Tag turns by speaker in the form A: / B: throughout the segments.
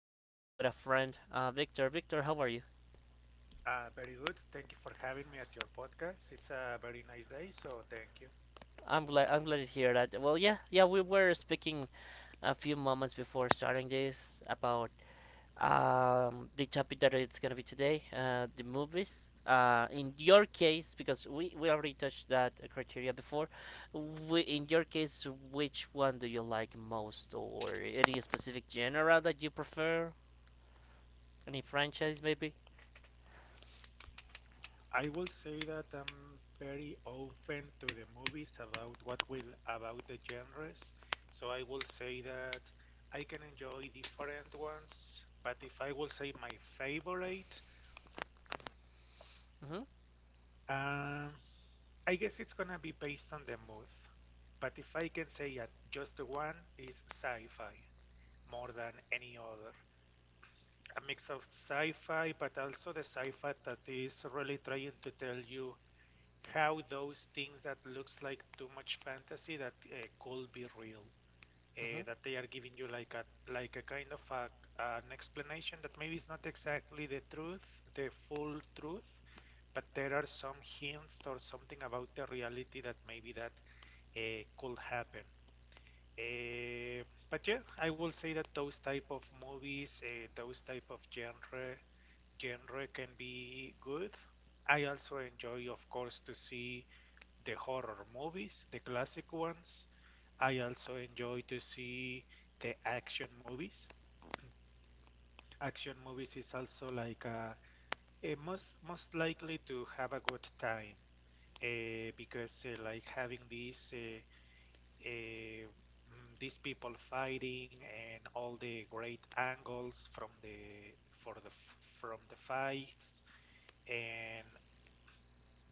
A: podcast. I'm with a friend, Victor. Victor, how are you?
B: Very good. Thank you for having me at your podcast. It's a very nice day, so thank you.
A: I'm glad. I'm glad to hear that. Well, yeah. We were speaking a few moments before starting this about the topic that it's gonna be today, the movies. In your case, because we already touched that criteria before, we, in your case, which one do you like most, or any specific genre that you prefer? Any franchise, maybe?
B: I will say that I'm very open to the movies about what will about the genres. So I will say that I can enjoy different ones, but if I will say my favorite,
A: Mm-hmm.
B: um, I guess it's gonna be based on the mood. But if I can say just the one is sci-fi more than any other. A mix of sci-fi, but also the sci-fi that is really trying to tell you how those things that looks like too much fantasy that could be real.
A: Mm-hmm.
B: That they are giving you like a kind of a, an explanation that maybe is not exactly the truth, the full truth, but there are some hints or something about the reality that maybe that could happen. Uh, but yeah, I will say that those type of movies, those type of genre, genre can be good. I also enjoy, of course, to see the horror movies, the classic ones. I also enjoy to see the action movies. Action movies is also like a most likely to have a good time because like having this eh, these people fighting and all the great angles from the for the from the fights and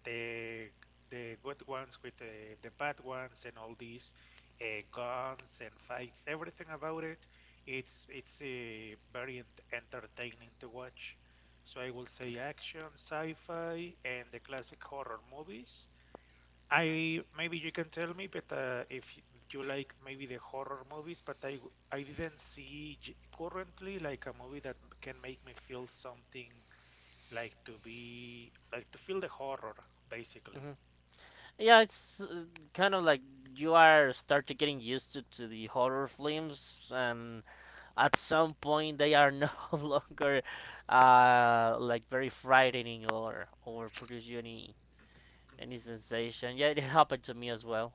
B: the the good ones with the bad ones and all these guns and fights, everything about it it's very entertaining to watch. So I will say action, sci-fi, and the classic horror movies. I maybe you can tell me, but if y- you like maybe the horror movies, but I didn't see currently like a movie that can make me feel something, like to be like to feel the horror basically.
A: Mm-hmm. Yeah, it's kind of like you are start to getting used to the horror films, and at some point they are no longer like very frightening, or produce you any sensation. Yeah, it happened to me as well.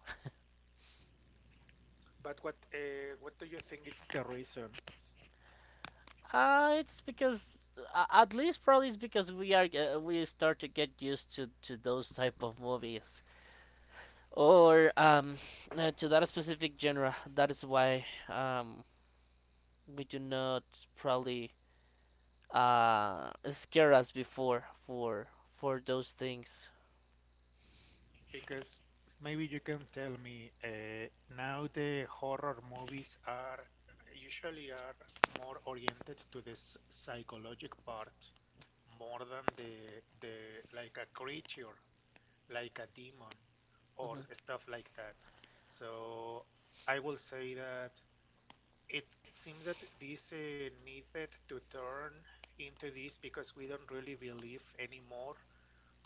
B: But what do you think is the reason?
A: It's because at least probably it's because we start to get used to those type of movies or to that specific genre. That is why we do not probably scare us before for those things.
B: Because maybe you can tell me, now the horror movies are usually are more oriented to this psychologic part more than the like a creature, like a demon or
A: Mhm.
B: stuff like that. So I will say that it seems that this needed to turn into this because we don't really believe anymore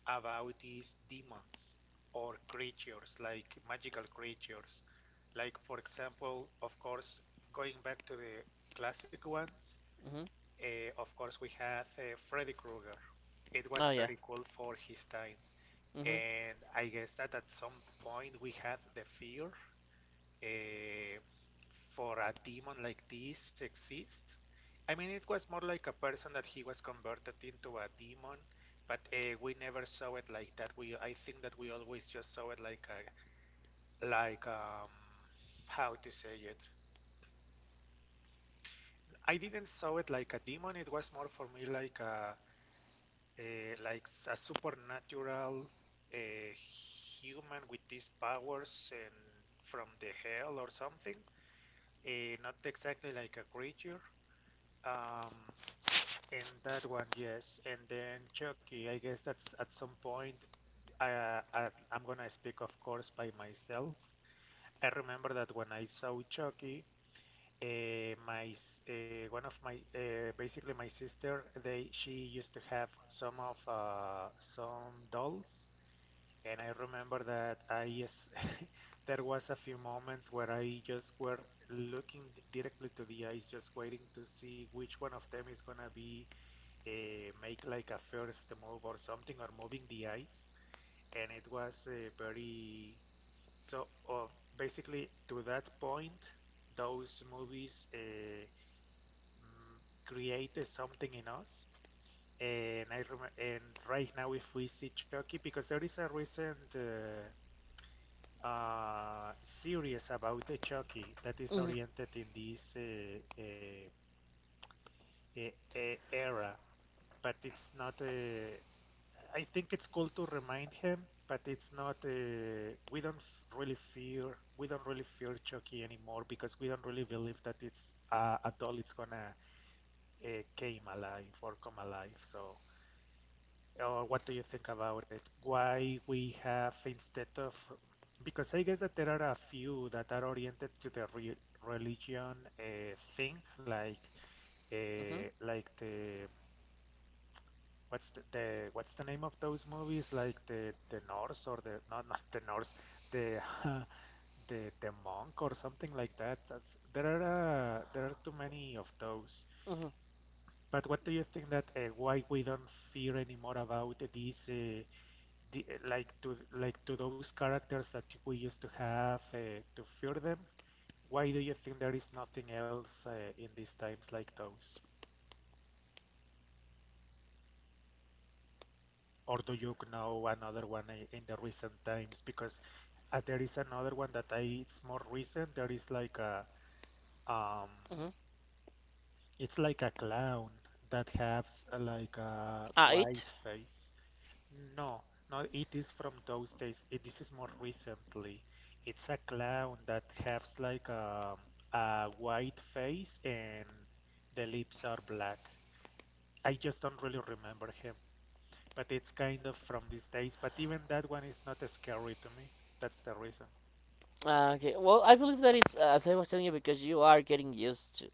B: about these demons or creatures, like magical creatures, like for example, of course, going back to the classic ones.
A: Mhm.
B: Of course, we have Freddy Krueger. It was
A: Oh yeah.
B: very cool for his time,
A: Mhm.
B: and I guess that at some point we had the fear, eh, for a demon like this exist? I mean, it was more like a person that he was converted into a demon, but we never saw it like that. We, I think that we always just saw it like a, like how to say it. I didn't saw it like a demon. It was more for me like a like a supernatural uh, human with these powers and from the hell or something. Not exactly like a creature. Um, and that one, yes. And then Chucky, I guess that's at some point. I'm gonna speak, of course, by myself. I remember that when I saw Chucky, one of my basically my sister, they she used to have some of some dolls, and I remember that I, yes, there was a few moments where I just were looking directly to the eyes, just waiting to see which one of them is gonna be make like a first move or something, or moving the eyes, and it was very so basically to that point those movies created something in us. And right now, if we see Chucky, because there is a recent series about the Chucky that is
A: Mhm.
B: oriented in this e- era, but it's not I think it's cool to remind him, but it's not. We don't really fear. We don't really fear Chucky anymore because we don't really believe that it's a doll. It's gonna uh, came alive or come alive. So, or what do you think about it? Why we have instead of, because I guess that there are a few that are oriented to the religion thing,
A: Mhm.
B: like the what's the name of those movies like the Norse, or the not not the Norse, the the monk or something like that. That's, there are too many of those.
A: Mhm.
B: But what do you think that why we don't fear anymore about these the, like to those characters that we used to have to fear them? Why do you think there is nothing else in these times like those? Or do you know another one in the recent times? Because there is another one that I, it's more recent. There is like a um,
A: Mhm.
B: it's like a clown that has like a
A: Ah, it.
B: white face. No, no, it is from those days. It, this is more recently. It's a clown that has like a white face and the lips are black. I just don't really remember him, but it's kind of from these days. But even that one is not scary to me. That's the reason.
A: Okay. Well, I believe that it's as I was telling you, because you are getting used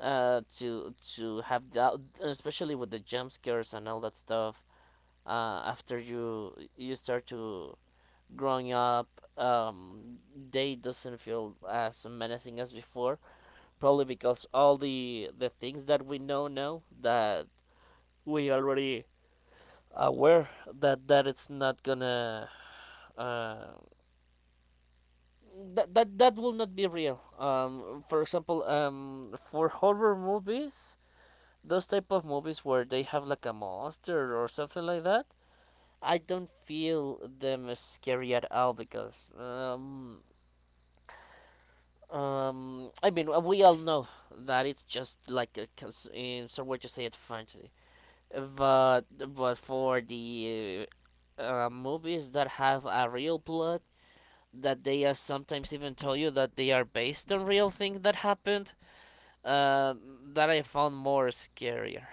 A: to have that, especially with the jump scares and all that stuff. After you start to growing up, um, they doesn't feel as menacing as before, probably because all the things that we know now that we already aware that that it's not gonna uh, that, that that will not be real. For example, for horror movies, those type of movies where they have like a monster or something like that, I don't feel them as scary at all because I mean, we all know that it's just like a cons- in some way to say it fantasy, but but for the movies that have a real plot that they sometimes even tell you that they are based on real things that happened, uh that I found more scarier.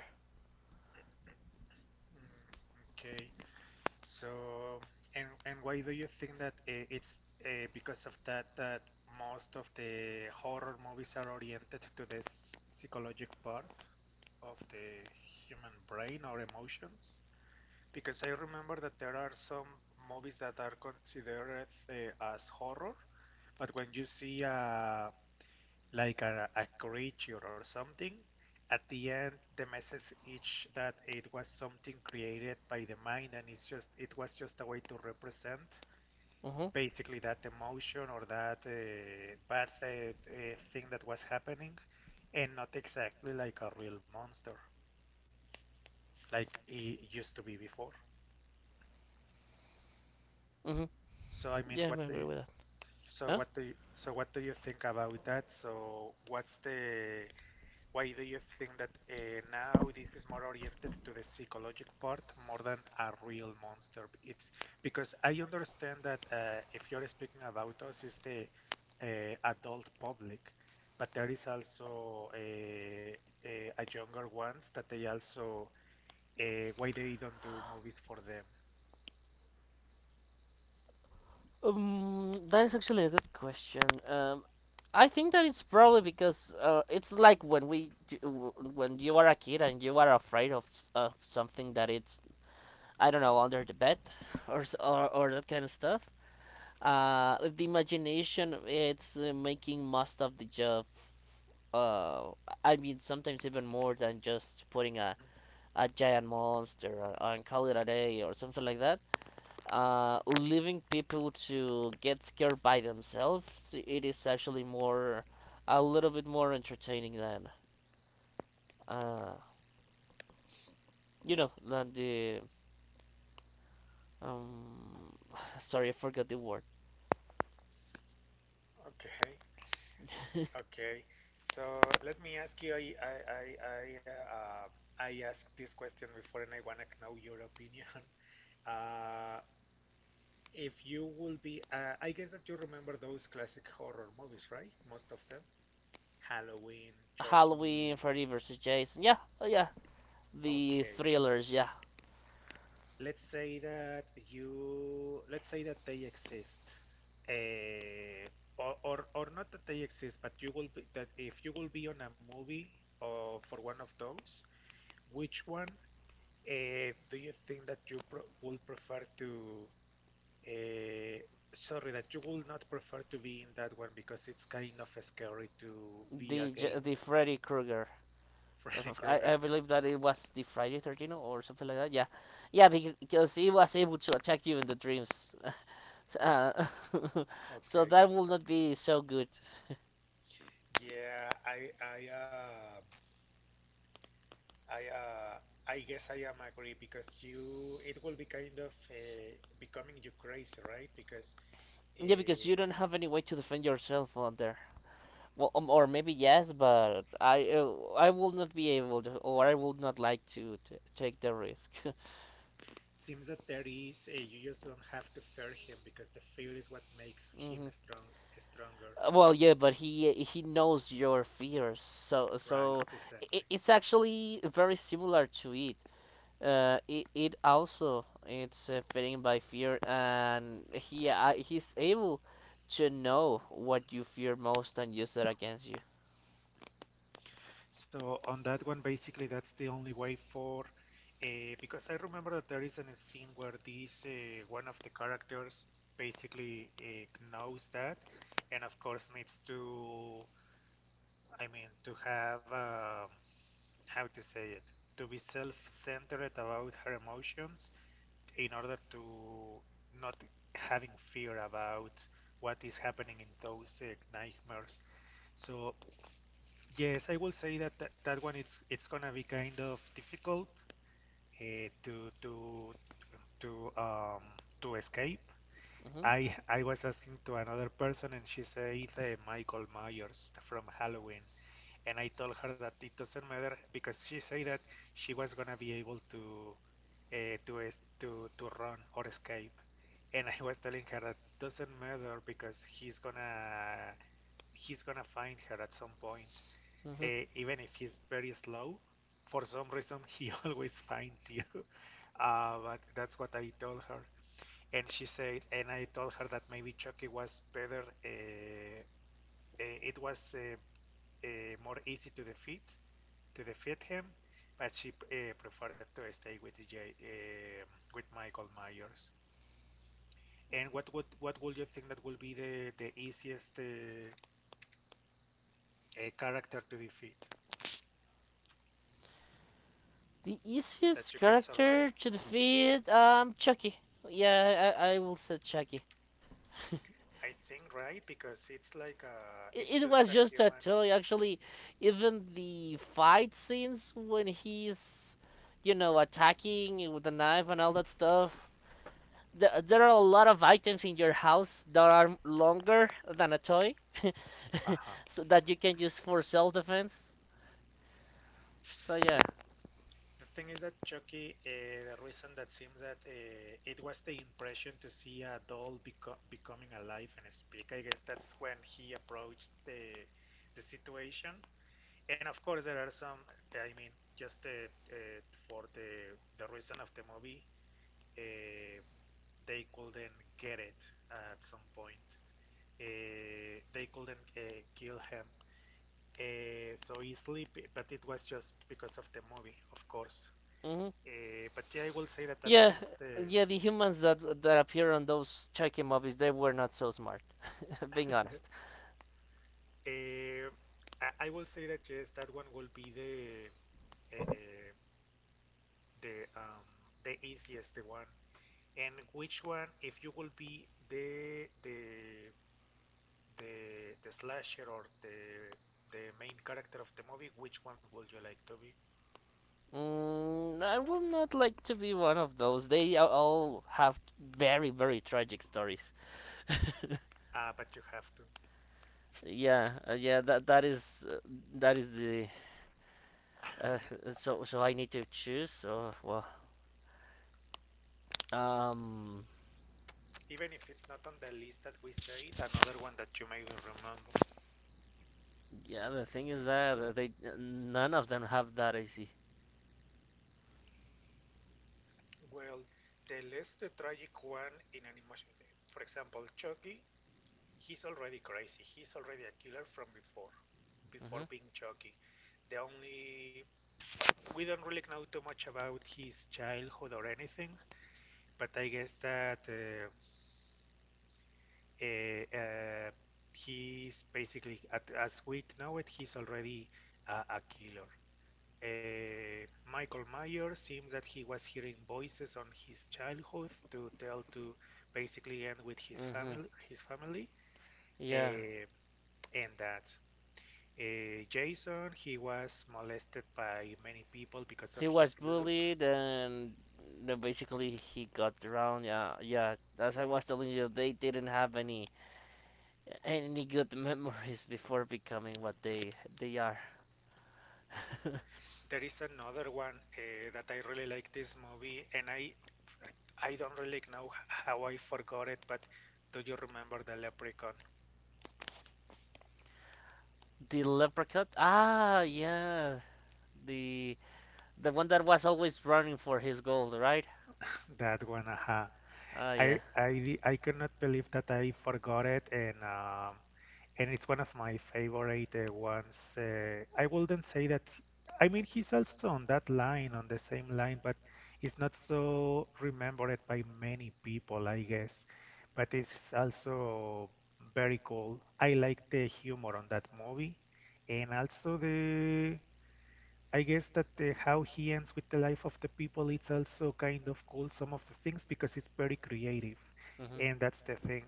B: Mm, okay. So, and why do you think that it's because of that, that most of the horror movies are oriented to this psychologic part of the human brain or emotions? Because I remember that there are some movies that are considered as horror, but when you see a like a creature or something. At the end, the message is that it was something created by the mind, and it's just it was just a way to represent
A: Mhm.
B: basically that emotion or that bad thing that was happening, and not exactly like a real monster like it used to be before.
A: Mhm.
B: So I mean,
A: Yeah,
B: what
A: I
B: do
A: agree
B: you,
A: with that.
B: so
A: Huh?
B: what do you, so what do you think about that? So what's the, why do you think that now this is more oriented to the psychological part more than a real monster? It's because I understand that if you're speaking about us, it's the adult public, but there is also a younger ones that they also why they don't do movies for them.
A: That is actually a good question. I think that it's probably because it's like when when you are a kid and you are afraid of s- of something that it's I don't know under the bed or s- or that kind of stuff. The imagination it's making most of the job. Uh, I mean sometimes even more than just putting
B: Mhm.
A: a giant monster or, and call it a day or something like that. Leaving people to get scared by themselves, it is actually more, a little bit more entertaining than, uh, you know, than the, um, sorry, I forgot the word.
B: Okay, okay. So let me ask you. I I asked this question before, and I wanna know your opinion. Uh, if you will be, I guess that you remember those classic horror movies, right? Most of them. Halloween, Chucky.
A: Halloween, Freddy versus Jason. Yeah, yeah, the
B: Okay.
A: thrillers. Yeah,
B: Let's say that you, let's say that they exist. Uh, or not that they exist, but you will be, that if you will be on a movie or for one of those, which one do you think that you pro will prefer to, Uh, sorry, that you would not prefer to be in that one because it's kind of scary to be
A: the
B: against
A: Freddy Krueger.
B: Freddy
A: Of-
B: Krueger.
A: I believe that it was the Friday 13th or something like that. Yeah, yeah, becau- because he was able to attack you in the dreams. Uh, so
B: Okay.
A: that will not be so good.
B: Yeah, I uh, I guess I am agree because you it will be kind of becoming you crazy, right? Because
A: Yeah, because
B: uh,
A: you don't have any way to defend yourself out there. Well, or maybe yes, but I will not be able to, or I will not like to t- take the risk.
B: seems that there is you just don't have to fear him because the fear is what makes him
A: Hmm.
B: strong stronger.
A: Well, yeah, but he knows your fears, so
B: Right,
A: so I
B: exactly.
A: it's actually very similar to it. It, it also it's fitting by fear, and he's able to know what you fear most and use it against you.
B: So on that one, basically, that's the only way for, uh, because I remember that there is a scene where this one of the characters basically knows that, and of course needs to, I mean, to have how to say it, to be self-centered about her emotions in order to not having fear about what is happening in those nightmares. So yes, I will say that that one it's gonna be kind of difficult uh, to to to um to escape.
A: Hmm.
B: I was asking to another person and she said Michael Myers from Halloween, and I told her that it doesn't matter because she said that she was gonna be able to es to run or escape, and I was telling her that doesn't matter because he's gonna find her at some point
A: Hmm.
B: even if he's very slow. For some reason, he always finds you. But that's what I told her, and she said, and I told her that maybe Chucky was better. It was uh, more easy to defeat him, but she preferred to stay with Michael Myers. And what would you think that will be the easiest character to defeat
A: The
B: that you
A: easiest
B: can survive?
A: character to defeat, Chucky. Yeah, I will say Chucky.
B: I think, right, because it's like a,
A: It,
B: it's
A: it
B: just
A: was
B: a
A: just a
B: human.
A: toy, actually. Even the fight scenes when he's, you know, attacking with the knife and all that stuff. There are a lot of items in your house that are longer than a toy,
B: Ajá.
A: so that you can use for self defense. So yeah.
B: The thing is that Chucky, the reason that seems that it was the impression to see a doll becoming alive and speak. I guess that's when he approached the situation. And of course, there are some. I mean, just uh, for the reason of the movie, uh, they couldn't get it at some point. They couldn't kill him so easily, but it was just because of the movie, of course.
A: Hmm.
B: But yeah, I will say that that one
A: Yeah,
B: is the.
A: yeah. The humans that that appear on those Chucky movies, they were not so smart. Being honest,
B: Uh, I will say that yes, that one will be the uh, the um, the easiest one. And which one, if you will be the the slasher or the main character of the movie, which one would you like to be?
A: mm, I would not like to be one of those. They a- all have very very tragic stories.
B: Ah, but you have to,
A: Yeah, yeah. That that is the uh, so so I need to choose. So well, um,
B: even if it's not on the list that we said, another one that you may remember.
A: yeah. The thing is that they none of them have that. I see.
B: Well, the less the tragic one in an emotion, for example, Chucky, he's already crazy. He's already a killer from before,
A: Mhm.
B: before being Chucky. The only we don't really know too much about his childhood or anything, but I guess that uh, uh, he's basically at, as we know it, he's already a killer. Uh, Michael Myers seems that he was hearing voices on his childhood to tell to basically end with his
A: Mhm.
B: family,
A: Yeah.
B: eh, and that Jason he was molested by many people because of
A: He
B: his
A: was
B: look.
A: bullied and then basically he got drowned. Yeah, yeah. As I was telling you, they didn't have any good memories before becoming what they are.
B: There is another one that I really like this movie, and I don't really know how I forgot it, but do you remember the Leprechaun?
A: The leprechaun. Ah, yeah. The the one that was always running for his gold, right?
B: That one, aha.
A: Ah,
B: I
A: yeah.
B: I I cannot believe that I forgot it, and it's one of my favorite ones. I wouldn't say that. I mean, he's also on that line, on the same line, but it's not so remembered by many people, I guess. But it's also very cool. I like the humor on that movie, and also the I guess that how he ends with the life of the people, it's also kind of cool some of the things because it's very creative,
A: Mhm.
B: and that's the thing.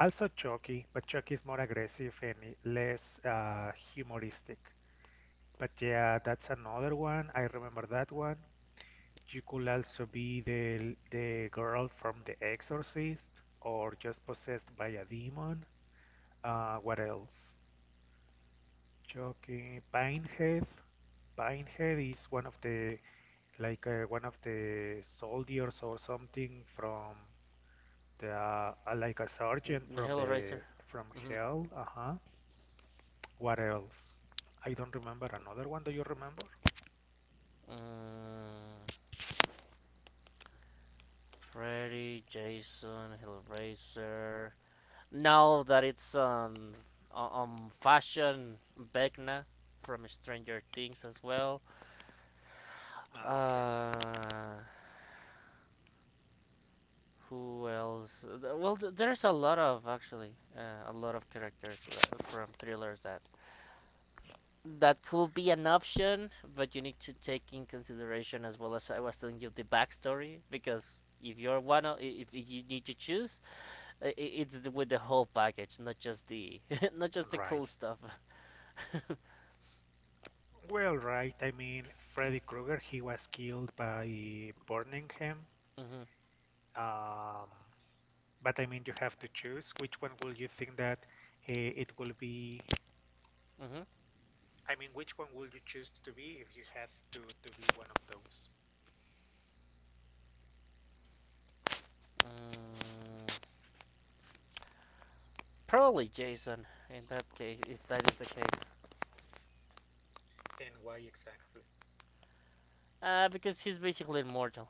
B: Also Chucky, but Chucky is more aggressive and less humoristic. But yeah, that's another one. I remember that one. You could also be the girl from The Exorcist, or just possessed by a demon. What else? Chucky, Pinehead. Pinehead is one of the, like one of the soldiers or something from the like a sergeant
A: Mm,
B: from
A: Hellraiser.
B: the from
A: Mhm.
B: hell. Uh-huh. What else? I don't remember another one. Do you remember?
A: Uh, Freddy, Jason, Hellraiser. Now that it's on- fashion, Vecna from Stranger Things as well.
B: Ah, okay.
A: Uh, who else? Well, there's a lot of actually a lot of characters that, from thrillers that that could be an option, but you need to take in consideration as well as I was telling you the backstory, because if you're one of, if you need to choose, it's with the whole package, not just the not just the cool
B: Right.
A: stuff.
B: Well, right. I mean, Freddy Krueger, he was killed by burning him.
A: Hmm.
B: Um, but I mean, you have to choose which one will you think that it will be.
A: Mhm.
B: I mean, which one will you choose to be if you have to be one of those?
A: Mm, probably Jason. In that case, if that is the case,
B: And why exactly?
A: because he's basically immortal.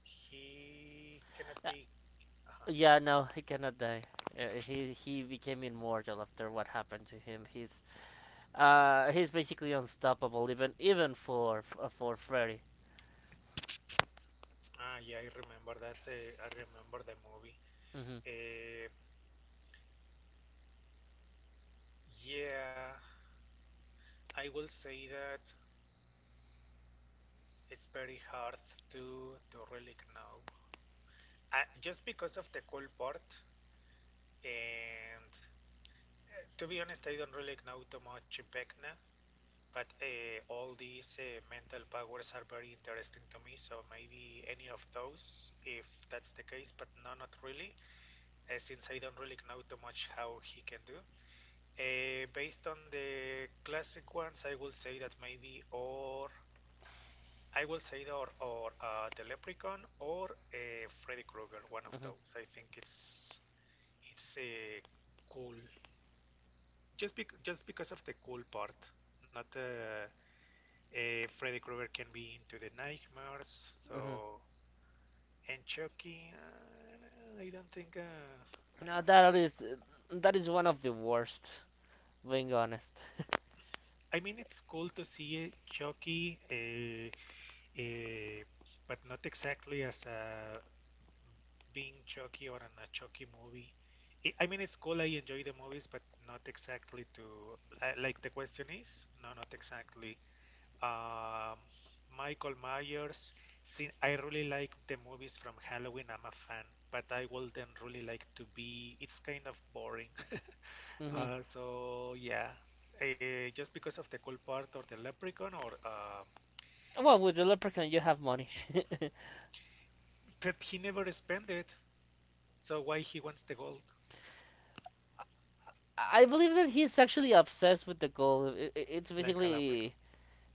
B: He cannot be. uh
A: Yeah, no, he cannot die. He became immortal after what happened to him. He's basically unstoppable, even even for Freddy.
B: Ah, yeah, I remember that. I remember the movie.
A: Mhm.
B: Uh, yeah, I will say that it's very hard to really know. I, just because of the cool part, and to be honest, I don't really know too much Vecna, but all these mental powers are very interesting to me. So maybe any of those, if that's the case, but no, not really since I don't really know too much how he can do. Based on the classic ones, I will say that maybe, or I will say that, or the Leprechaun or Freddy Krueger, one of
A: Mhm.
B: those. I think it's a cool, just because of the cool part. Not Freddy Krueger can be into the nightmares,
A: Mhm.
B: so and Chucky. I don't think.
A: Now that is one of the worst. Being honest.
B: I mean, it's cool to see Chucky. Eh, but not exactly as a being Chucky or a Chucky movie. I mean, it's cool. I enjoy the movies, but not exactly to like the question is. No, not exactly. Um, Michael Myers. Since I really like the movies from Halloween, I'm a fan. But I wouldn't really like to be. It's kind of boring.
A: Mhm.
B: So yeah, just because of the cool part, or the leprechaun, or
A: Well, with the leprechaun, you have money.
B: that he never spent it. So why he wants the gold
A: I believe that he's actually obsessed with the goal. I- It's
B: like a leprechaun?
A: basically,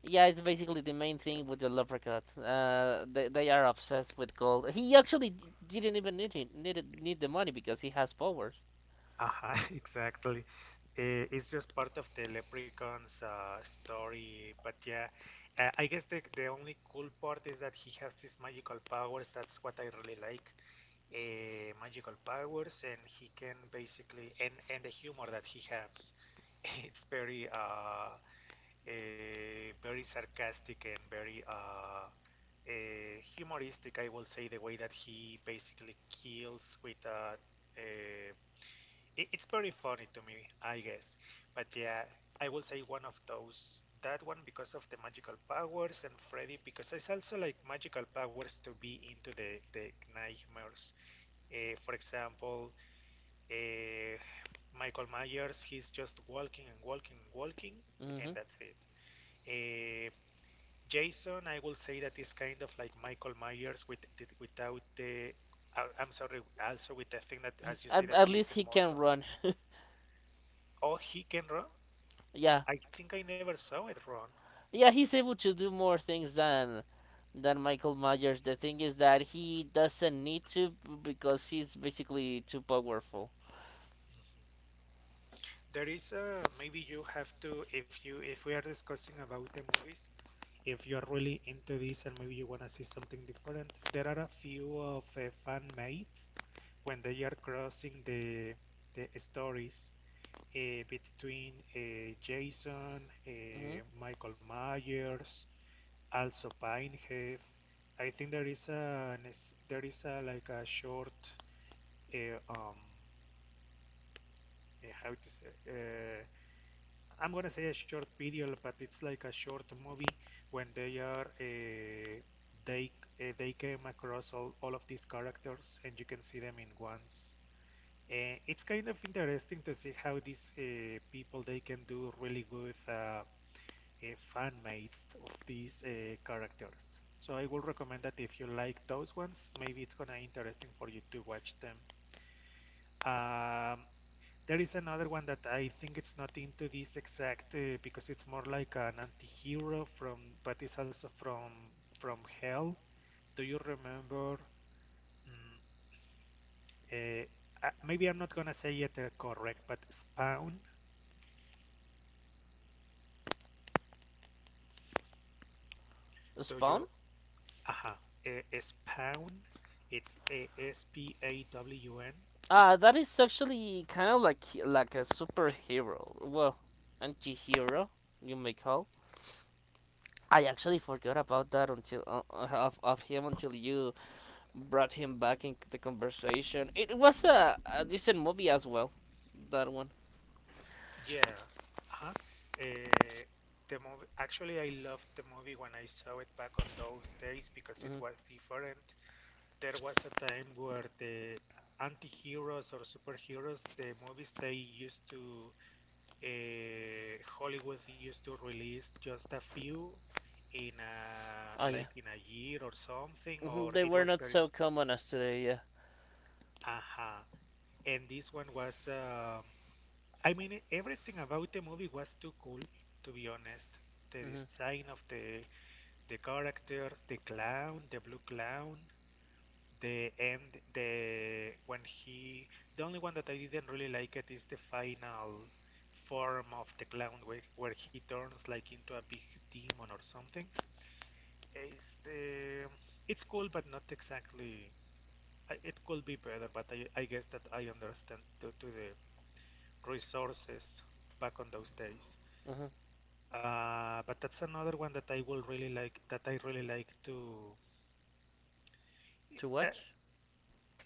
A: yeah, it's basically the main thing with the Leprechaun. They are obsessed with gold. He actually d- didn't even need it, need it, need the money because he has powers.
B: Aha, exactly. It's just part of the Leprechaun's story, but yeah, I guess the only cool part is that he has these magical powers. That's what I really like. Magical powers, and he can basically and the humor that he has. It's very very sarcastic and very humoristic, I will say, the way that he basically kills with. Uh, it, it's very funny to me, I guess. But yeah, I will say one of those. That one because of the magical powers, and Freddy because it's also like magical powers to be into the nightmares. For example, uh, Michael Myers, he's just walking and walking and walking, and
A: Hmm.
B: that's it. Uh, Jason, I will say that is kind of like Michael Myers with the, without the. I'm sorry, also with the thing that, as you say, that
A: At
B: he is
A: least he can
B: immortal.
A: run.
B: Oh, he can run.
A: Yeah,
B: I think I never saw it run.
A: yeah, he's able to do more things than Michael Myers. The thing is that he doesn't need to b- because he's basically too powerful.
B: There is a maybe you have to if you if we are discussing about the movies. If you are really into this and maybe you wanna see something different, there are a few of fan mates when they are crossing the stories between Jason,
A: Hmm.
B: Michael Myers, also Pinehead. I think there is a like a short uh, um how to say I'm gonna say a short video, but it's like a short movie when they are they they came across all of these characters and you can see them in once. It's kind of interesting to see how these people they can do really good uh, fan mates of these characters. So I will recommend that if you like those ones, maybe it's gonna interesting for you to watch them. Um, there is another one that I think it's not into this exact because it's more like an anti-hero from, but it's also from hell. Do you remember? Mm, eh, Maybe I'm not gonna say it correct, but Spawn. Do
A: Spawn?
B: you? Aha. Spawn. It's a Spawn.
A: That is actually kind of like a superhero. Well, anti-hero, you may call. I actually forgot about that until of him until you brought him back into the conversation. It was a decent movie as well. That one.
B: Yeah. Uh-huh. Uh, the movie, actually, I loved the movie when I saw it back on those days because it was
A: Hmm.
B: different. There was a time where the anti-heroes or superheroes, the movies they used to, Hollywood used to release just a few in
A: Oh
B: a,
A: yeah.
B: like in a year or something,
A: Hmm.
B: or
A: They
B: it
A: were
B: was
A: not
B: very,
A: so common as today. Yeah.
B: uh-huh. And this one was, I mean, everything about the movie was too cool, to be honest. The
A: Hmm.
B: design of the character, the clown, the blue clown, the end, the when he. The only one that I didn't really like it is the final form of the clown where he turns like into a big demon or something. It's um it's cool, but not exactly. I, it could be better, but I guess that I understand to the resources back on those days.
A: Hmm.
B: But that's another one that I would really like that I really like
A: To
B: uh,
A: watch.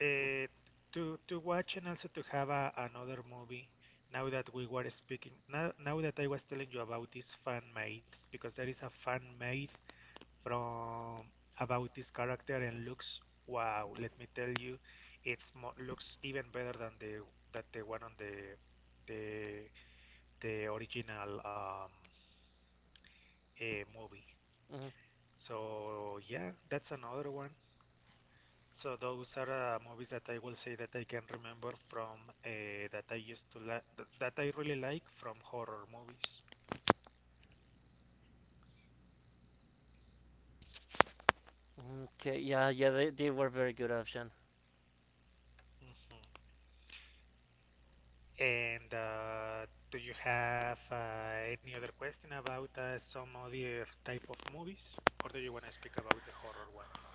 B: uh, to watch and also to have a, another movie. Now that we were speaking, now now that I was telling you about this fan made because there is a fan made from about this character and looks wow. Let me tell you, it's mo looks even better than the that the one on the the original movie.
A: Hmm.
B: So yeah, that's another one. So those are movies that I will say that I can remember from that I used to like that I really like from horror movies.
A: Okay. Yeah. Yeah. They were very good option.
B: Hmm. And do you have any other question about some other type of movies, or do you want to speak about the horror ones?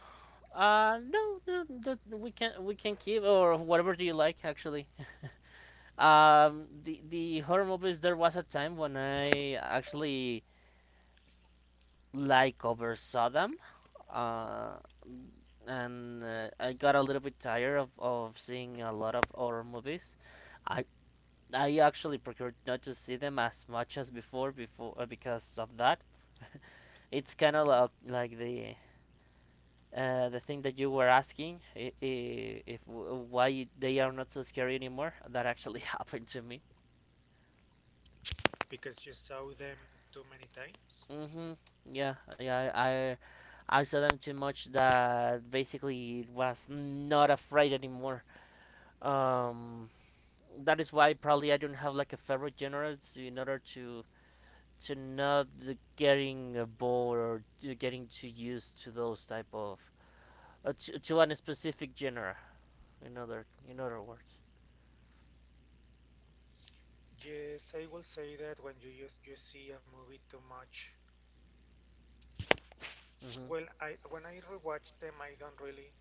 A: No, no, that we can keep or whatever do you like actually. The horror movies. There was a time when I actually like oversaw them, uh, and I got a little bit tired of seeing a lot of horror movies. I I actually procured not to see them as much as before before because of that. It's kind of
B: Mhm.
A: like the thing that you were asking I- if w- why they are not so scary anymore. That actually happened to me.
B: Because you saw them too many times?
A: Mm-hmm. Yeah, yeah. I saw them too much that basically was not afraid anymore. Um, that is why probably I don't have like a favorite genre it's in order to not getting bored or to getting too used to those type of to a specific genre. In other words.
B: Yes, I will say that when you just you see a movie too much.
A: Mm-hmm.
B: Well, I when I rewatch them, I don't really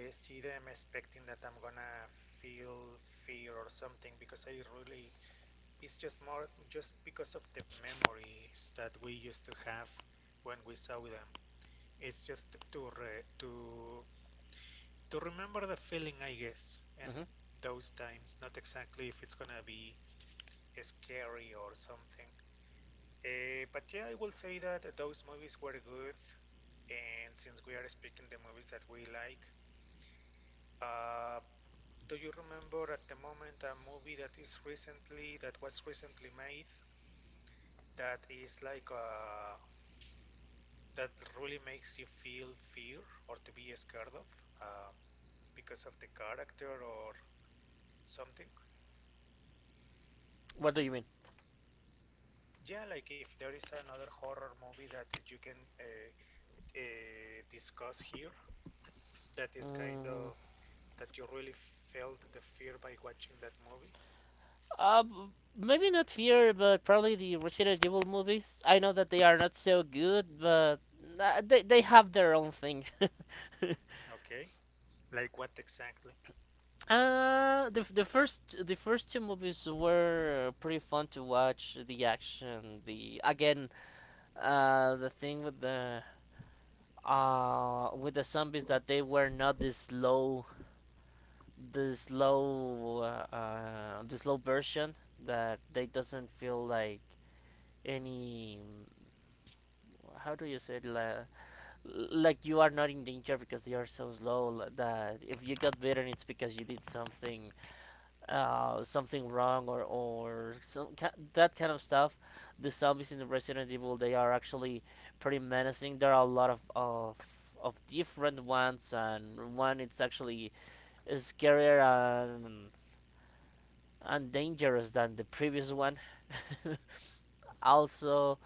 B: see them expecting that I'm gonna feel fear or something because I really it's just more just because of the memories that we used to have when we saw them. It's just to to remember the feeling, I guess, and
A: Mm-hmm.
B: those times. Not exactly if it's gonna be scary or something. But yeah, I will say that those movies were good. And since we are speaking the movies that we like, uh, do you remember at the moment a movie that is recently that was recently made that is like that really makes you feel fear or to be scared of, uh, because of the character or something?
A: What do you mean?
B: Yeah, like if there is another horror movie that you can discuss here, that is kind
A: Mm.
B: of that you really felt the fear by watching that movie?
A: Uh, maybe not fear, but probably the Resident Evil movies. I know that they are not so good, but they have their own thing.
B: Okay, like what exactly?
A: The first the first 2 movies were pretty fun to watch. The action, the again, the thing with the zombies, that they were not the slow the slow the slow version, that they doesn't feel like any how do you say it? Like you are not in danger because you are so slow that if you got bitten it's because you did something something wrong or some ki- that kind of stuff. The zombies in the resident evil, they are actually pretty menacing. There are a lot of different ones, and one it's actually scarier and and dangerous than the previous one. Also,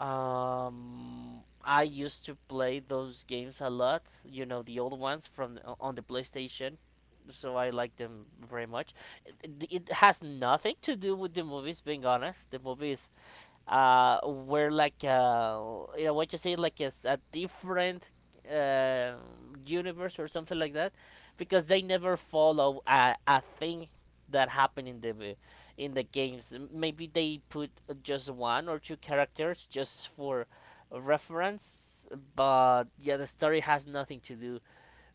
A: um, I used to play those games a lot. You know, the old ones from on the PlayStation. So I like them very much. It has nothing to do with the movies, being honest. The movies were like you know what you say like it's a different uh, universe or something like that because they never follow a thing that happened in the games. Maybe they put just one or two characters just for reference. But yeah, the story has nothing to do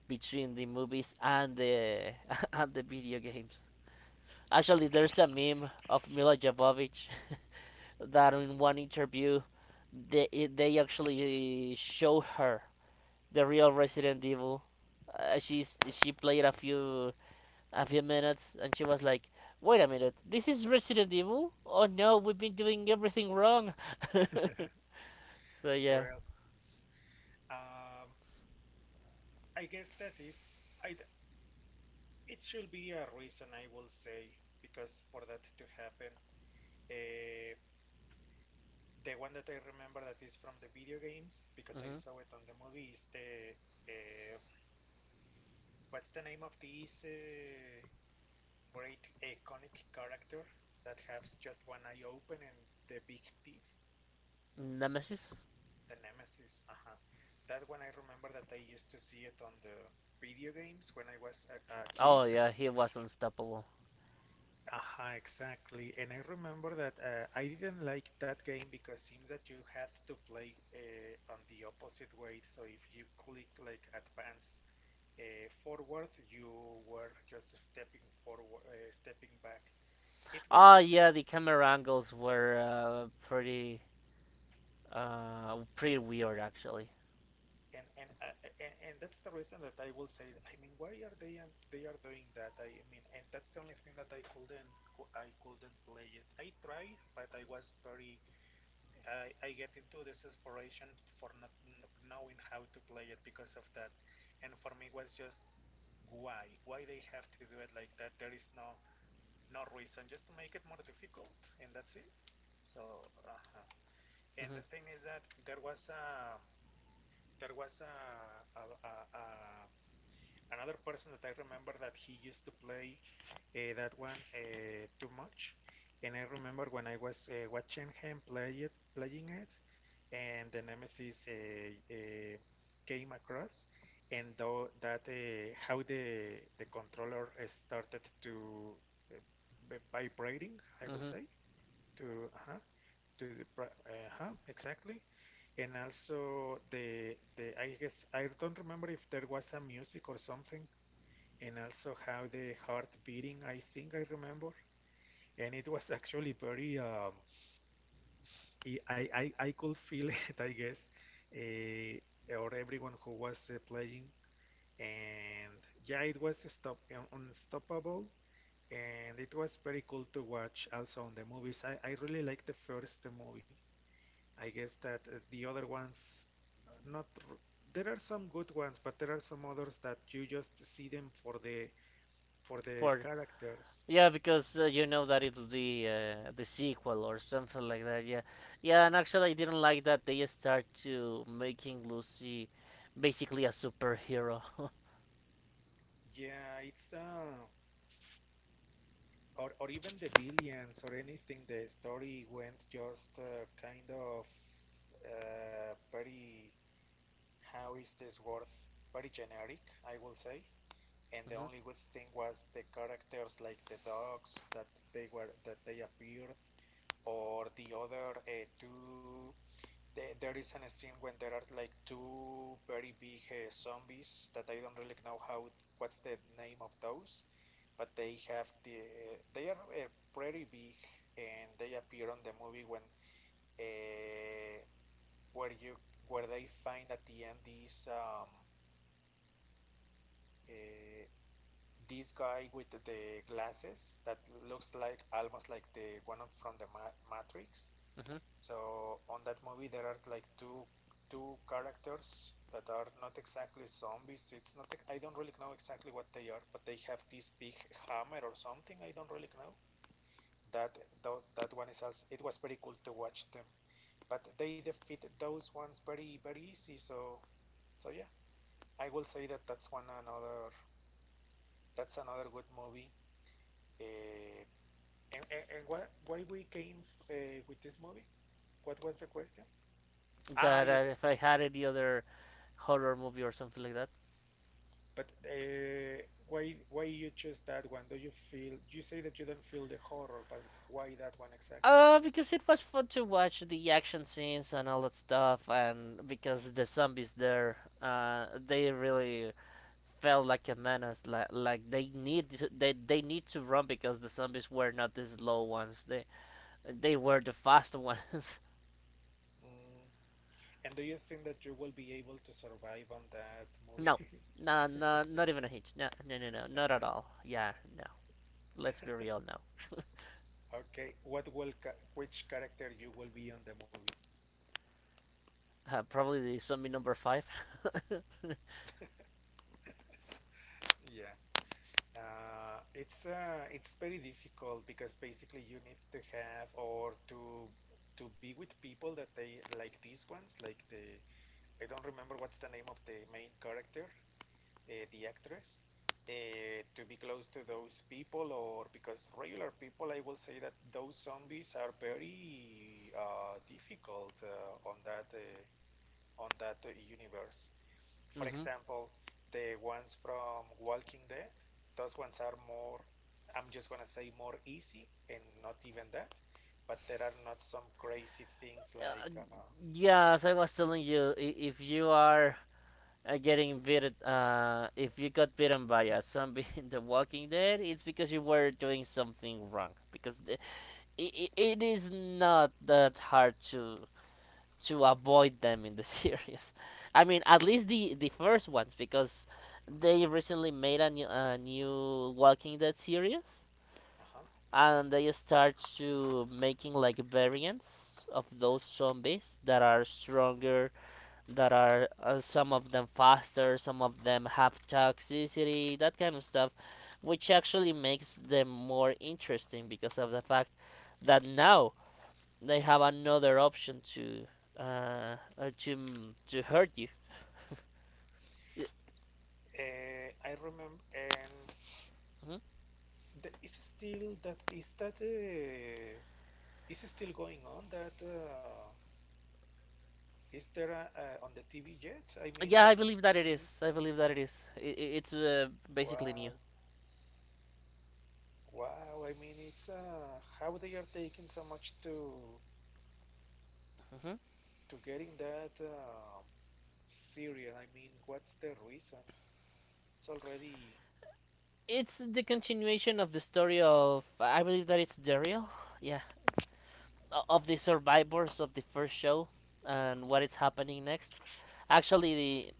A: between the movies and the and the video games. Actually, there's a meme of Mila Jovovich that in one interview, they they actually show her the real Resident Evil. She's she played a few minutes and she was like, "Wait a minute, this is Resident Evil? Oh no, we've been doing everything wrong." So yeah.
B: Well, um, I guess that is I, it should be a reason, I will say, because for that to happen, uh, the one that I remember that is from the video games because I
A: Hmm.
B: saw it on the movie is the uh, what's the name of this great iconic character that has just one eye open and the big teeth?
A: Nemesis.
B: The Nemesis, uh-huh. That one I remember that I used to see it on the video games when I was a kid.
A: Oh yeah, he was unstoppable.
B: Uh-huh, exactly. And I remember that I didn't like that game because seems that you had to play on the opposite way. So if you click like advance forward, you were just stepping forward, stepping back. It was
A: Oh
B: kind of.
A: yeah, the camera angles were pretty pretty weird actually.
B: And and, uh, and and that's the reason that I will say, I mean, why are they are doing that? I mean, and that's the only thing that I couldn't I couldn't play it. I tried, but I was very I get into desperation for not knowing how to play it because of that, and for me it was just why they have to do it like that? There is no no reason, just to make it more difficult, and that's it. So, and
A: Hmm.
B: the thing is that there was a another person that I remember that he used to play that one too much, and I remember when I was watching him play it, playing it, and the Nemesis came across, and though that how the controller started to vibrating, I will
A: Hmm.
B: say to uh-huh to the pri uh-huh, exactly. And also the I guess I don't remember if there was some music or something, and also how the heart beating, I think I remember. And it was actually very I could feel it, I guess, or everyone who was playing. And yeah, it was stop unstoppable, and it was very cool to watch also on the movies. I really liked the first movie. I guess that the other ones, not r- there are some good ones, but there are some others that you just see them for the
A: For
B: characters.
A: Yeah, because you know that it's the sequel or something like that. Yeah, yeah, and actually, I didn't like that they start to making Lucy basically a superhero.
B: Yeah, it's or even the villains or anything. The story went just kind of very how is this word? Very generic, I will say. And the
A: Hmm.
B: only good thing was the characters, like the dogs, that they were that they appeared or the other two the, there is an scene when there are like two very big zombies that I don't really know how what's the name of those, but they have the they are pretty big and they appear on the movie when uh, where you where they find at the end this uh, this guy with the glasses that looks like almost like the one from the Matrix.
A: Hmm.
B: So on that movie, there are like two two characters that are not exactly zombies. It's not I don't really know exactly what they are, but they have this big hammer or something. I don't really know. That that one is also it was very cool to watch them, but they defeat those ones very very easy. So so yeah, I will say that that's one another that's another good movie. Uh, and why we came with this movie? What was the question? Ah, you.
A: That if I had any other horror movie or something like that.
B: But why you choose that one? Do you feel you say that you don't feel the horror, but why that one exactly?
A: Because it was fun to watch the action scenes and all that stuff, and because the zombies there, they really felt like a menace. Like, they need to run because the zombies were not the slow ones. They were the fast ones.
B: Mm. And do you think that you will be able to survive on that
A: No,
B: movie?
A: no, no, not even a hitch. No, no, no, no, not at all. Yeah, no. Let's be real now.
B: Okay, what will ca which character you will be on the movie?
A: Probably the zombie number 5. Mm-hmm.
B: Yeah. It's very difficult because basically you need to have or to be with people that they like these ones, like the I don't remember what's the name of the main character, the actress to be close to those people or because regular people I will say that those zombies are very difficult on that universe. For example, the ones from Walking Dead, those ones are more I'm just gonna say more easy and not even that, but there are not some crazy things
A: uh,
B: like
A: yes, I was telling you, if you are if you got bitten by a zombie in The Walking Dead, it's because you were doing something wrong. It, it is not that hard to avoid them in the series. I mean, at least the first ones, because they recently made a new Walking Dead series,
B: uh-huh.
A: and they start to making like variants of those zombies that are stronger, that are some of them faster, some of them have toxicity, that kind of stuff, which actually makes them more interesting because of the fact that now they have another option to to hurt you. Y-
B: I remember and
A: mhm.
B: the, is still that is it still going on? That is there a, on the TV yet? I mean,
A: Yeah, I
B: it's
A: believe that it is. I
B: so-
A: believe that it is. It's basically new.
B: wow, wow. I mean, it's how they are taking so much
A: Hmm.
B: to getting that serious. I mean, what's the reason? It's already.
A: It's the continuation of the story of. I believe that it's Daryl. Yeah, of the survivors of the first show and what is happening next. Actually,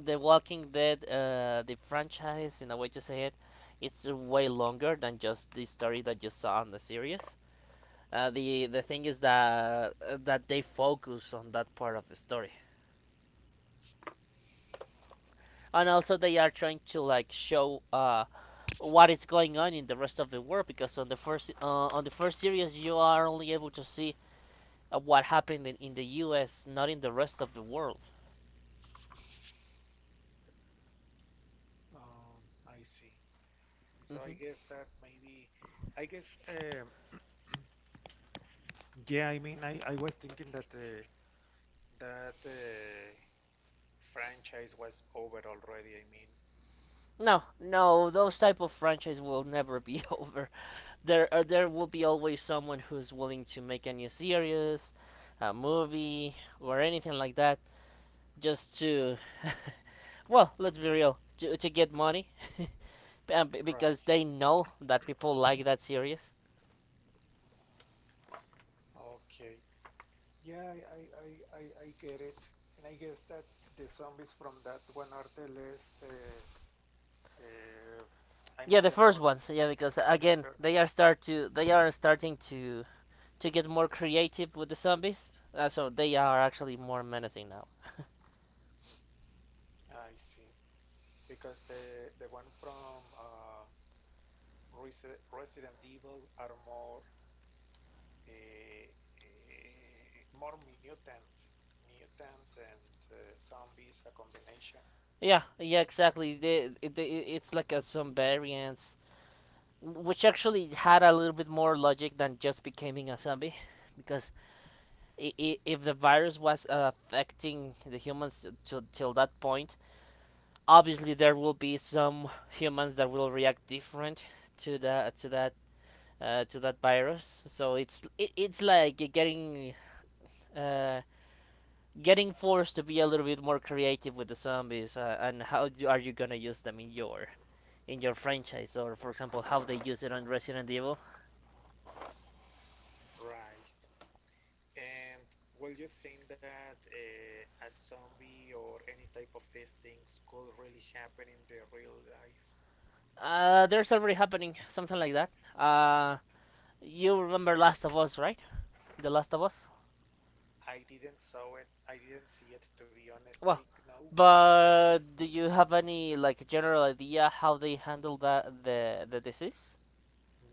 A: the Walking Dead, the franchise, in a way to say it, it's way longer than just the story that you saw on the series. The thing is that that they focus on that part of the story, and also they are trying to like show what is going on in the rest of the world, because on the first series you are only able to see what happened in the U.S. not in the rest of the world.
B: Um, I see. So
A: Mm-hmm.
B: I guess that maybe, I guess. Yeah, I mean, I was thinking that that. Franchise was over already. I mean,
A: No, no, those type of franchises will never be over. There will be always someone who's willing to make a new series, a movie, or anything like that, just to, well, let's be real, to get money, because
B: right.
A: they know that people like that series.
B: Okay. Yeah, I, I, I, I- get it. And I guess that the zombies from that one are the less, uh, I
A: Yeah,
B: mean,
A: the
B: the
A: first
B: more,
A: ones. Yeah, because
B: the
A: again,
B: first one.
A: they are starting to get more creative with the zombies, so they are actually more menacing now.
B: I see. Because the one from Resident Evil are more, uh, uh, more mutant, mutant and zombies, a combination.
A: Yeah, yeah, exactly. It's like some variants, which actually had a little bit more logic than just becoming a zombie, because I if the virus was affecting the humans till that point, obviously there will be some humans that will react different to the to that to that virus. So it's like getting. Uh, Getting forced to be a little bit more creative with the zombies, and how do, are you gonna use them in your franchise, or for example, how they use it on Resident Evil.
B: Right. And will you think that a zombie or any type of these things could really happen in the real life?
A: There's already happening something like that. Uh, you remember Last of Us, right? The Last of Us.
B: I didn't saw it. I didn't see it, to be honest. I
A: Well,
B: know which one it is.
A: but do you have any like general idea how they handle that the disease?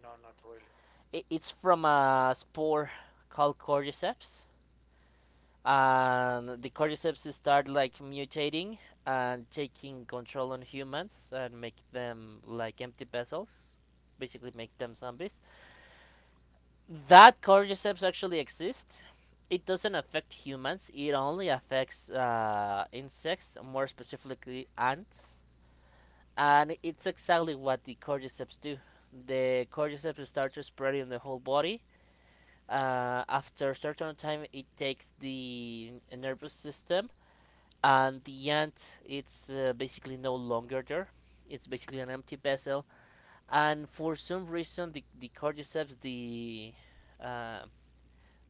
B: No, not really.
A: I It's from a spore called cordyceps, and the cordyceps start like mutating and taking control on humans and make them like empty vessels, basically make them zombies. That cordyceps actually exists. It doesn't affect humans. It only affects insects, more specifically ants. And it's exactly what the cordyceps do. The cordyceps start to spread in the whole body. After a certain time, it takes the nervous system, and the ant it's basically no longer there. It's basically an empty vessel. And for some reason, the cordyceps, uh,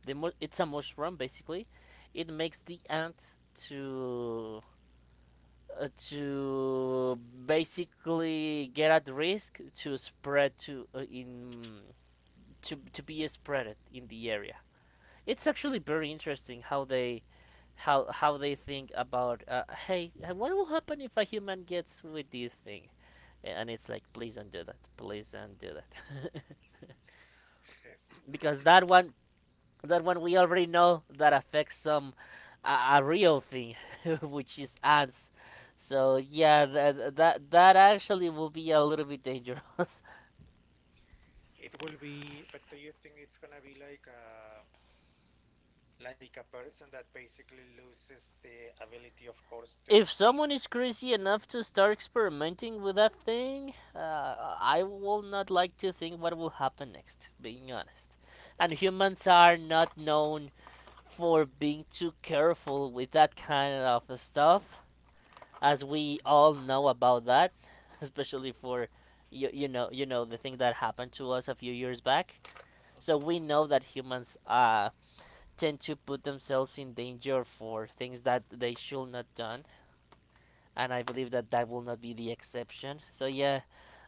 A: it's a mushroom basically. It makes the ant to uh, to basically get at risk to spread to be spread in the area. It's actually very interesting how they how they think about hey, what will happen if a human gets with this thing. And it's like please don't do that, please don't do that.
B: Uh,
A: Because that one, that when we already know that affects some a real thing, which is ants. So yeah, that actually will be a little bit dangerous.
B: It will be, but do you think it's gonna be like a person that basically loses the ability, of course, to
A: If
B: think?
A: someone is crazy enough to start experimenting with that thing, I will not like to think what will happen next. Being honest, and humans are not known for being too careful with that kind of stuff, as we all know about that, especially for you, you know the thing that happened to us a few years back. So
B: Mhm.
A: we know that humans tend to put themselves in danger for things that they should not done, and I believe that that will not be the exception. So yeah,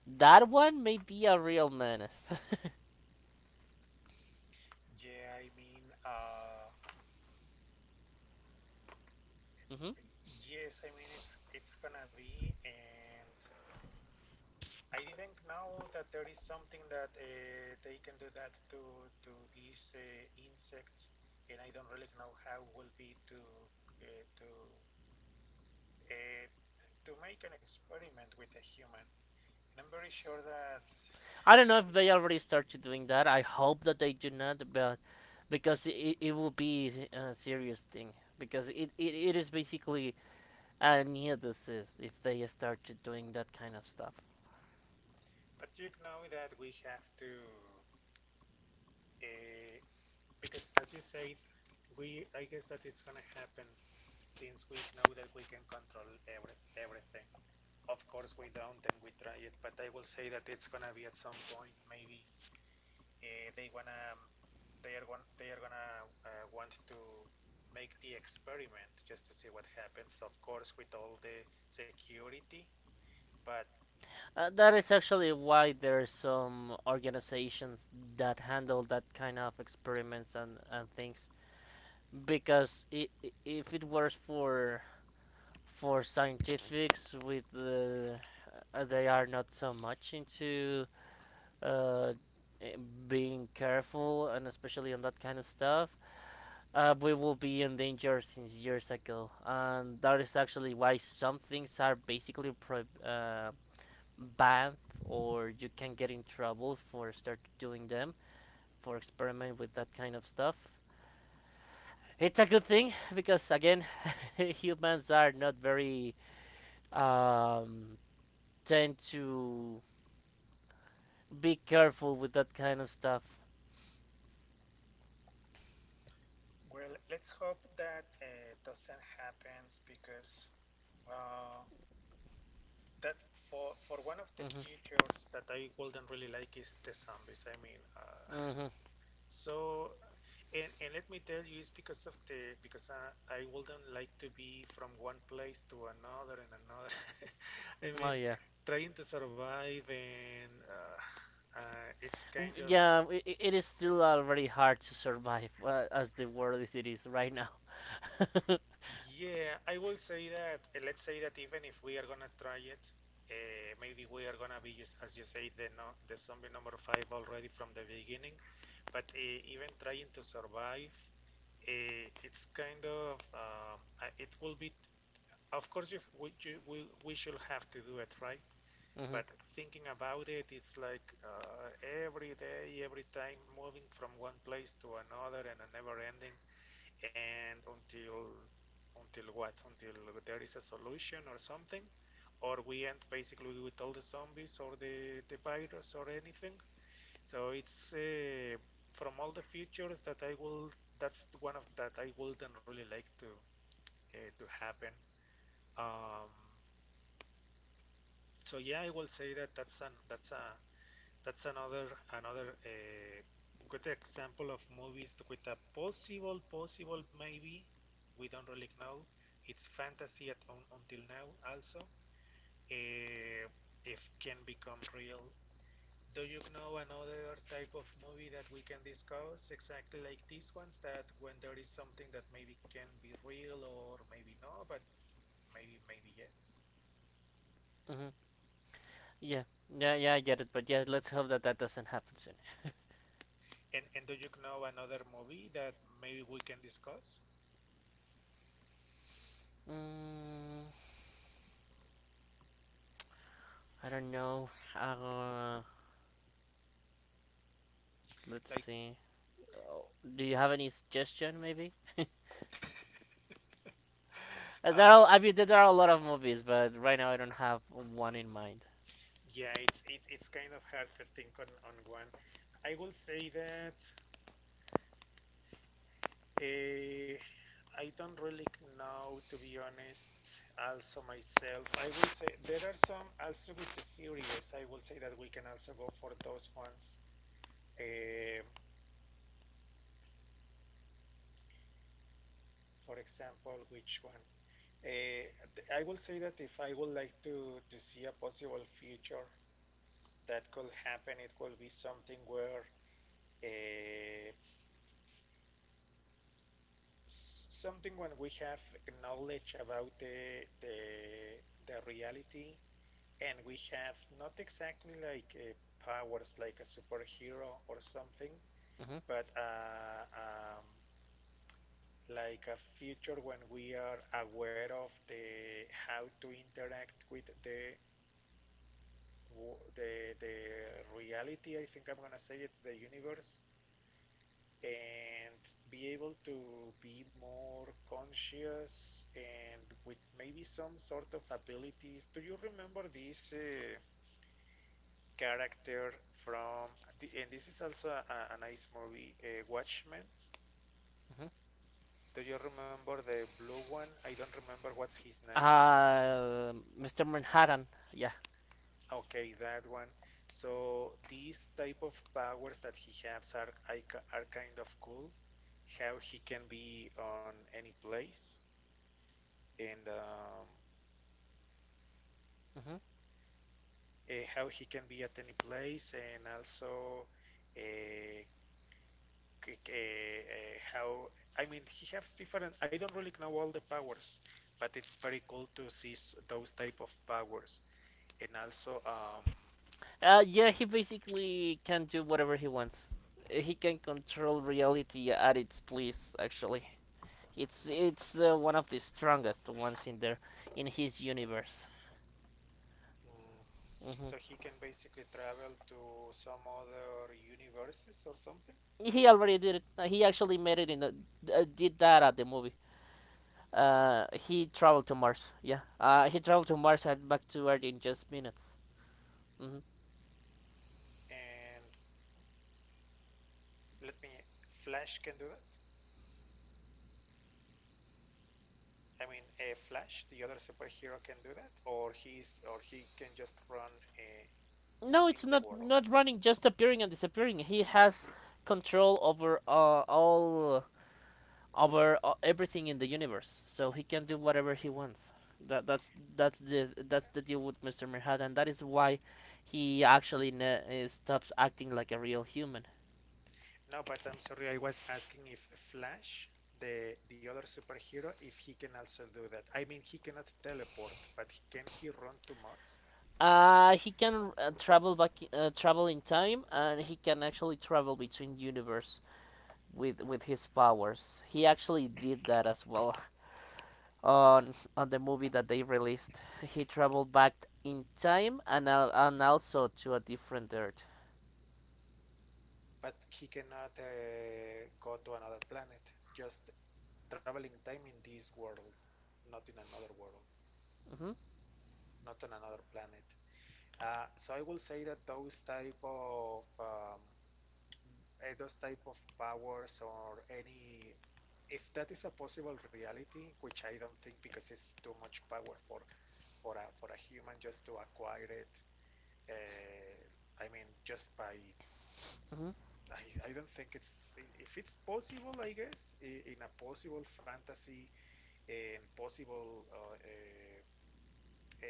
A: that one may be a real menace.
B: Yeah, I mean,
A: Hmm.
B: yes, I mean it's gonna be, and I didn't know that there is something that they can do that to these insects, and I don't really know how will be to uh, to to make an experiment with a human. And I'm very sure that,
A: I don't know if they already started doing that. I hope that they do not, but because it will be a serious thing because it is basically I knew this is if they started doing that kind of stuff.
B: but you know that we have to. Uh, Because as you said, we I guess that it's gonna happen since we know that we can control every everything. Of course we don't and we try it, but I will say that it's gonna be at some point maybe they wanna they are gonna want to make the experiment just to see what happens. Of course with all the security, but
A: That is actually why there are some organizations that handle that kind of experiments and things, because I if it was for scientifics with the they are not so much into uh, eh, being careful and especially on that kind of stuff, we will be in danger since years ago. And that is actually why some things are basically banned, or you can get in trouble for start doing them, for experiment with that kind of stuff. It's a good thing because again, humans are not very um, tend to be careful with that kind of stuff.
B: well let's hope that doesn't happen because uh, that for one of the
A: Hmm.
B: features that I wouldn't really like is the zombies. I mean,
A: Hmm.
B: so and let me tell you, it's because of the because I wouldn't like to be from one place to another and another. I
A: Oh
B: mean,
A: yeah.
B: trying to survive and it's kind of.
A: Yeah, I it is still already hard to survive as the world as it is right now.
B: Yeah, I will say that, let's say that even if we are gonna try it, maybe we are gonna be just, as you say, the no, the zombie number five already from the beginning. But even trying to survive, it's kind of, it will be, of course, we should have to do it, right? But
A: Hmm.
B: thinking about it, it's like every day, every time, moving from one place to another, and a never-ending and until what? Until there is a solution or something, or we end basically with all the zombies or the virus or anything. So it's from all the features that I will. That's one of that I wouldn't really like to happen. Um, so yeah, I will say that that's an that's a that's another another good example of movies with a possible possible maybe we don't really know. It's fantasy at until now also. Uh, if can become real. Do you know another type of movie that we can discuss exactly like these ones that when there is something that maybe can be real or maybe no, but maybe maybe yes.
A: Hmm. Yeah, yeah, yeah, I get it. But yeah, let's hope that that doesn't happen soon.
B: And do you know another movie that maybe we can discuss?
A: Mm, I don't know. Let's
B: Like
A: see. Oh, do you have any suggestion, maybe?
B: uh.
A: I mean, there are a lot of movies, but right now I don't have one in mind.
B: Yeah, it's it's kind of hard to think on one. I will say that uh, I don't really know, to be honest, also myself. I will say there are some also with the series, I will say that we can also go for those ones. Uh, for example, which one? Uh, I will say that if I would like to see a possible future that could happen, it will be something where. Uh, Something when we have knowledge about the the reality, and we have not exactly like powers like a superhero or something,
A: Hmm.
B: but like a future when we are aware of the how to interact with the reality. I think I'm gonna say it, the universe, and be able to be more conscious and with maybe some sort of abilities. Do you remember this character from? And this is also a nice movie, Watchmen.
A: Hmm.
B: Do you remember the blue one? I don't remember what's his name.
A: Uh, Mr. Manhattan. Yeah.
B: Okay, that one. So these type of powers that he has are kind of cool. How he can be on any place, and
A: Hmm.
B: how he can be at any place, and also uh, how. I mean, he has different. I don't really know all the powers, but it's very cool to see those type of powers, and also
A: Yeah, he basically can do whatever he wants. He can control reality at its please. Actually, it's one of the strongest ones in there in his universe.
B: mm, so he
A: Hmm.
B: can basically travel to some other universes or something.
A: He already did it. He actually made it in the did that at the movie.
B: Uh,
A: He traveled to Mars. Yeah. He traveled to Mars and back to Earth in just minutes. Hmm.
B: and let me, Flash can do that. I mean, Flash, the other superhero, can do that, or he's or he can just run. Uh,
A: No,
B: in
A: it's
B: the world.
A: not running, just appearing and disappearing. He has control over all over everything in the universe, so he can do whatever he wants. That that's that's the deal with Mr. Manhattan, and that is why he actually stops acting like a real human.
B: No, but I'm sorry, I was asking if Flash, the other superhero, if he can also do that. I mean, he cannot teleport, but can he run to Mars?
A: He can travel in time, and he can actually travel between universe with his powers. He actually did that as well on the movie that they released. He traveled back in time and and also to a different Earth.
B: But he cannot go to another planet. Just traveling time in this world, not in another world,
A: Hmm.
B: not on another planet. So I will say that those type of powers or any, if that is a possible reality, which I don't think, because it's too much power for a human just to acquire it. Uh, i mean just by.
A: Hmm.
B: I don't think it's, if it's possible, I guess, in a possible fantasy and possible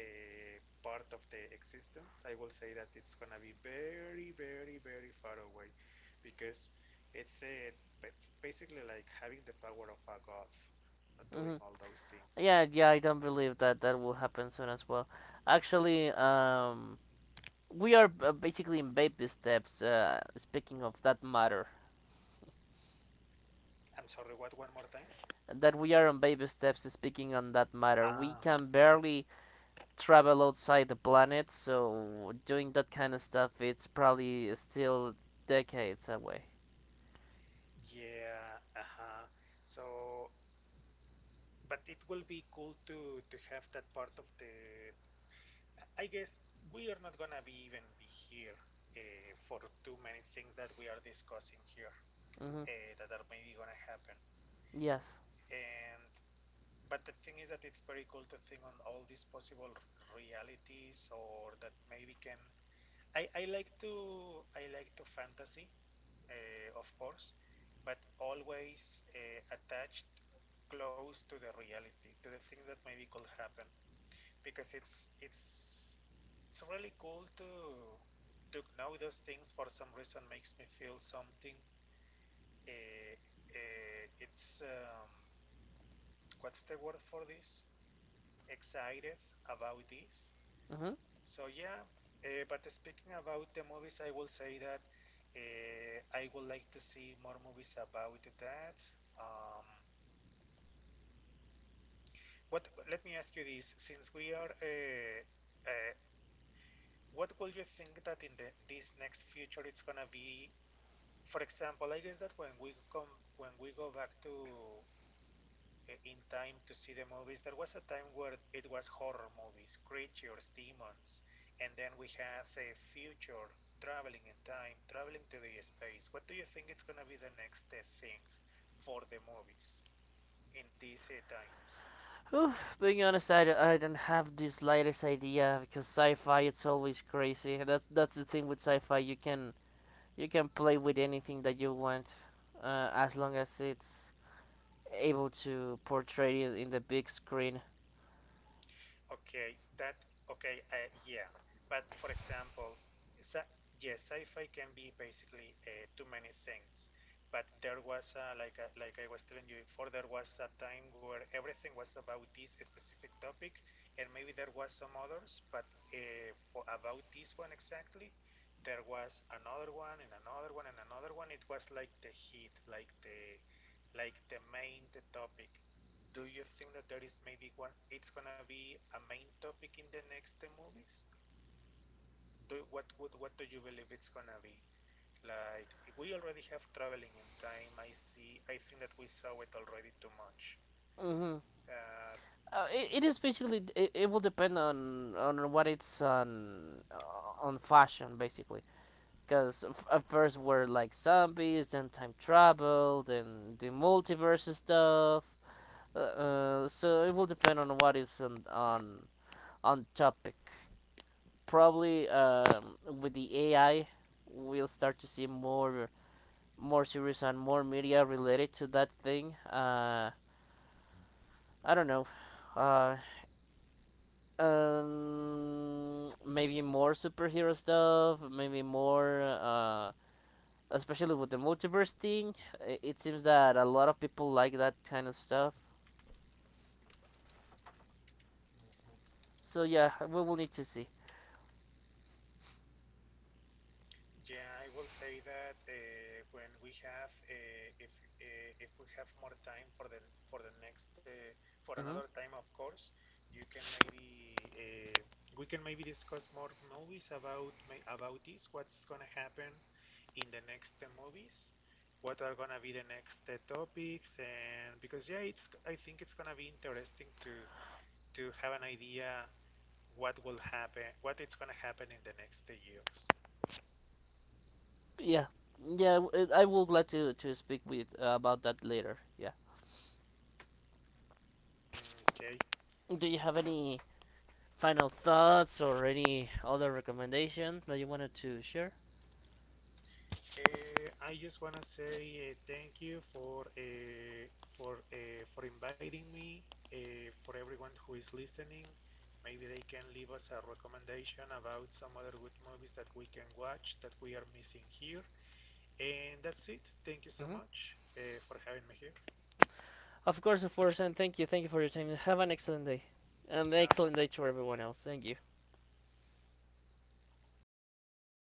B: a part of the existence, I will say that it's gonna be very, very, very far away, because it's a, it's basically like having the power of a god, not doing
A: Hmm.
B: all those things.
A: Yeah, yeah, I don't believe that that will happen soon as well. Actually, we are basically in baby steps. Speaking of that matter,
B: I'm sorry, what, one more time?
A: that we are on baby steps. Speaking on that matter, we
B: Ah,
A: can barely travel outside the planet, so doing that kind of stuff, it's probably still decades away.
B: yeah, uh-huh. So, but it will be cool to have that part of the. I guess we are not gonna be even be here for too many things that we are discussing here,
A: Mhm.
B: that are maybe gonna happen.
A: Yes.
B: And but the thing is that it's very cool to think on all these possible realities or that maybe can. I like to, I like to fantasy, of course, but always attached close to the reality, to the things that maybe could happen, because it's really cool to know those things. For some reason makes me feel something, eh, it's what's the word for this? Excited about this.
A: Mhm.
B: So yeah, but speaking about the movies, I will say that I would like to see more movies about that. Um, what? Let me ask you this: since we are, uh, what will you think that in the this next future it's gonna be? For example, I guess that when we come, when we go back to, in time to see the movies. There was a time where it was horror movies, creatures, demons, and then we have the future, traveling in time, traveling to the space. What do you think it's going to be the next thing for the movies in these times?
A: Whew, being honest, I don't have the slightest idea because sci-fi it's always crazy. That's the thing with sci-fi. You can play with anything that you want, as long as it's able to portray it in the big screen.
B: Okay, that, okay, yeah. But for example, sci yeah, sci-fi can be basically too many things. But there was a, like I was telling you before, there was a time where everything was about this specific topic, and maybe there was some others, but for about this one exactly, there was another one and another one and another one. It was like the hit, like the, like the main, the topic. Do you think that there is maybe one? It's gonna be a main topic in the next movies. Do what would, what do you believe it's gonna be? Like, we already have traveling in time. I see. I think that we saw it already too much.
A: Mm-hmm.
B: Uh,
A: It is basically it will depend on what it's on fashion basically. Because at first were like zombies, then time travel, then the multiverse stuff. So it will depend on what is on on topic. Probably with the AI, we'll start to see more more series and more media related to that thing. I don't know. Uh, Maybe more superhero stuff. Maybe more, especially with the multiverse thing. It seems that a lot of people like that kind of stuff. So yeah, we will need to see.
B: Yeah, I will say that when we have, if we have more time for the, for the next for
A: Hmm.
B: another time, of course, you can maybe we can maybe discuss more movies about about this. What's gonna happen in the next movies? What are gonna be the next topics? And because yeah, it's, I think it's gonna be interesting to have an idea what will happen, what it's gonna happen in the next years.
A: Yeah, yeah. I will glad to speak with about that later. Yeah.
B: Okay.
A: Do you have any final thoughts or any other recommendation that you wanted to share?
B: I just wanna say thank you for for inviting me. For everyone who is listening, maybe they can leave us a recommendation about some other good movies that we can watch that we are missing here. And that's it. Thank you so
A: Hmm.
B: much for having me here.
A: Of course, and thank you. Thank you for your time. Have an excellent day. And excellent
B: Um,
A: day to everyone else. Thank you.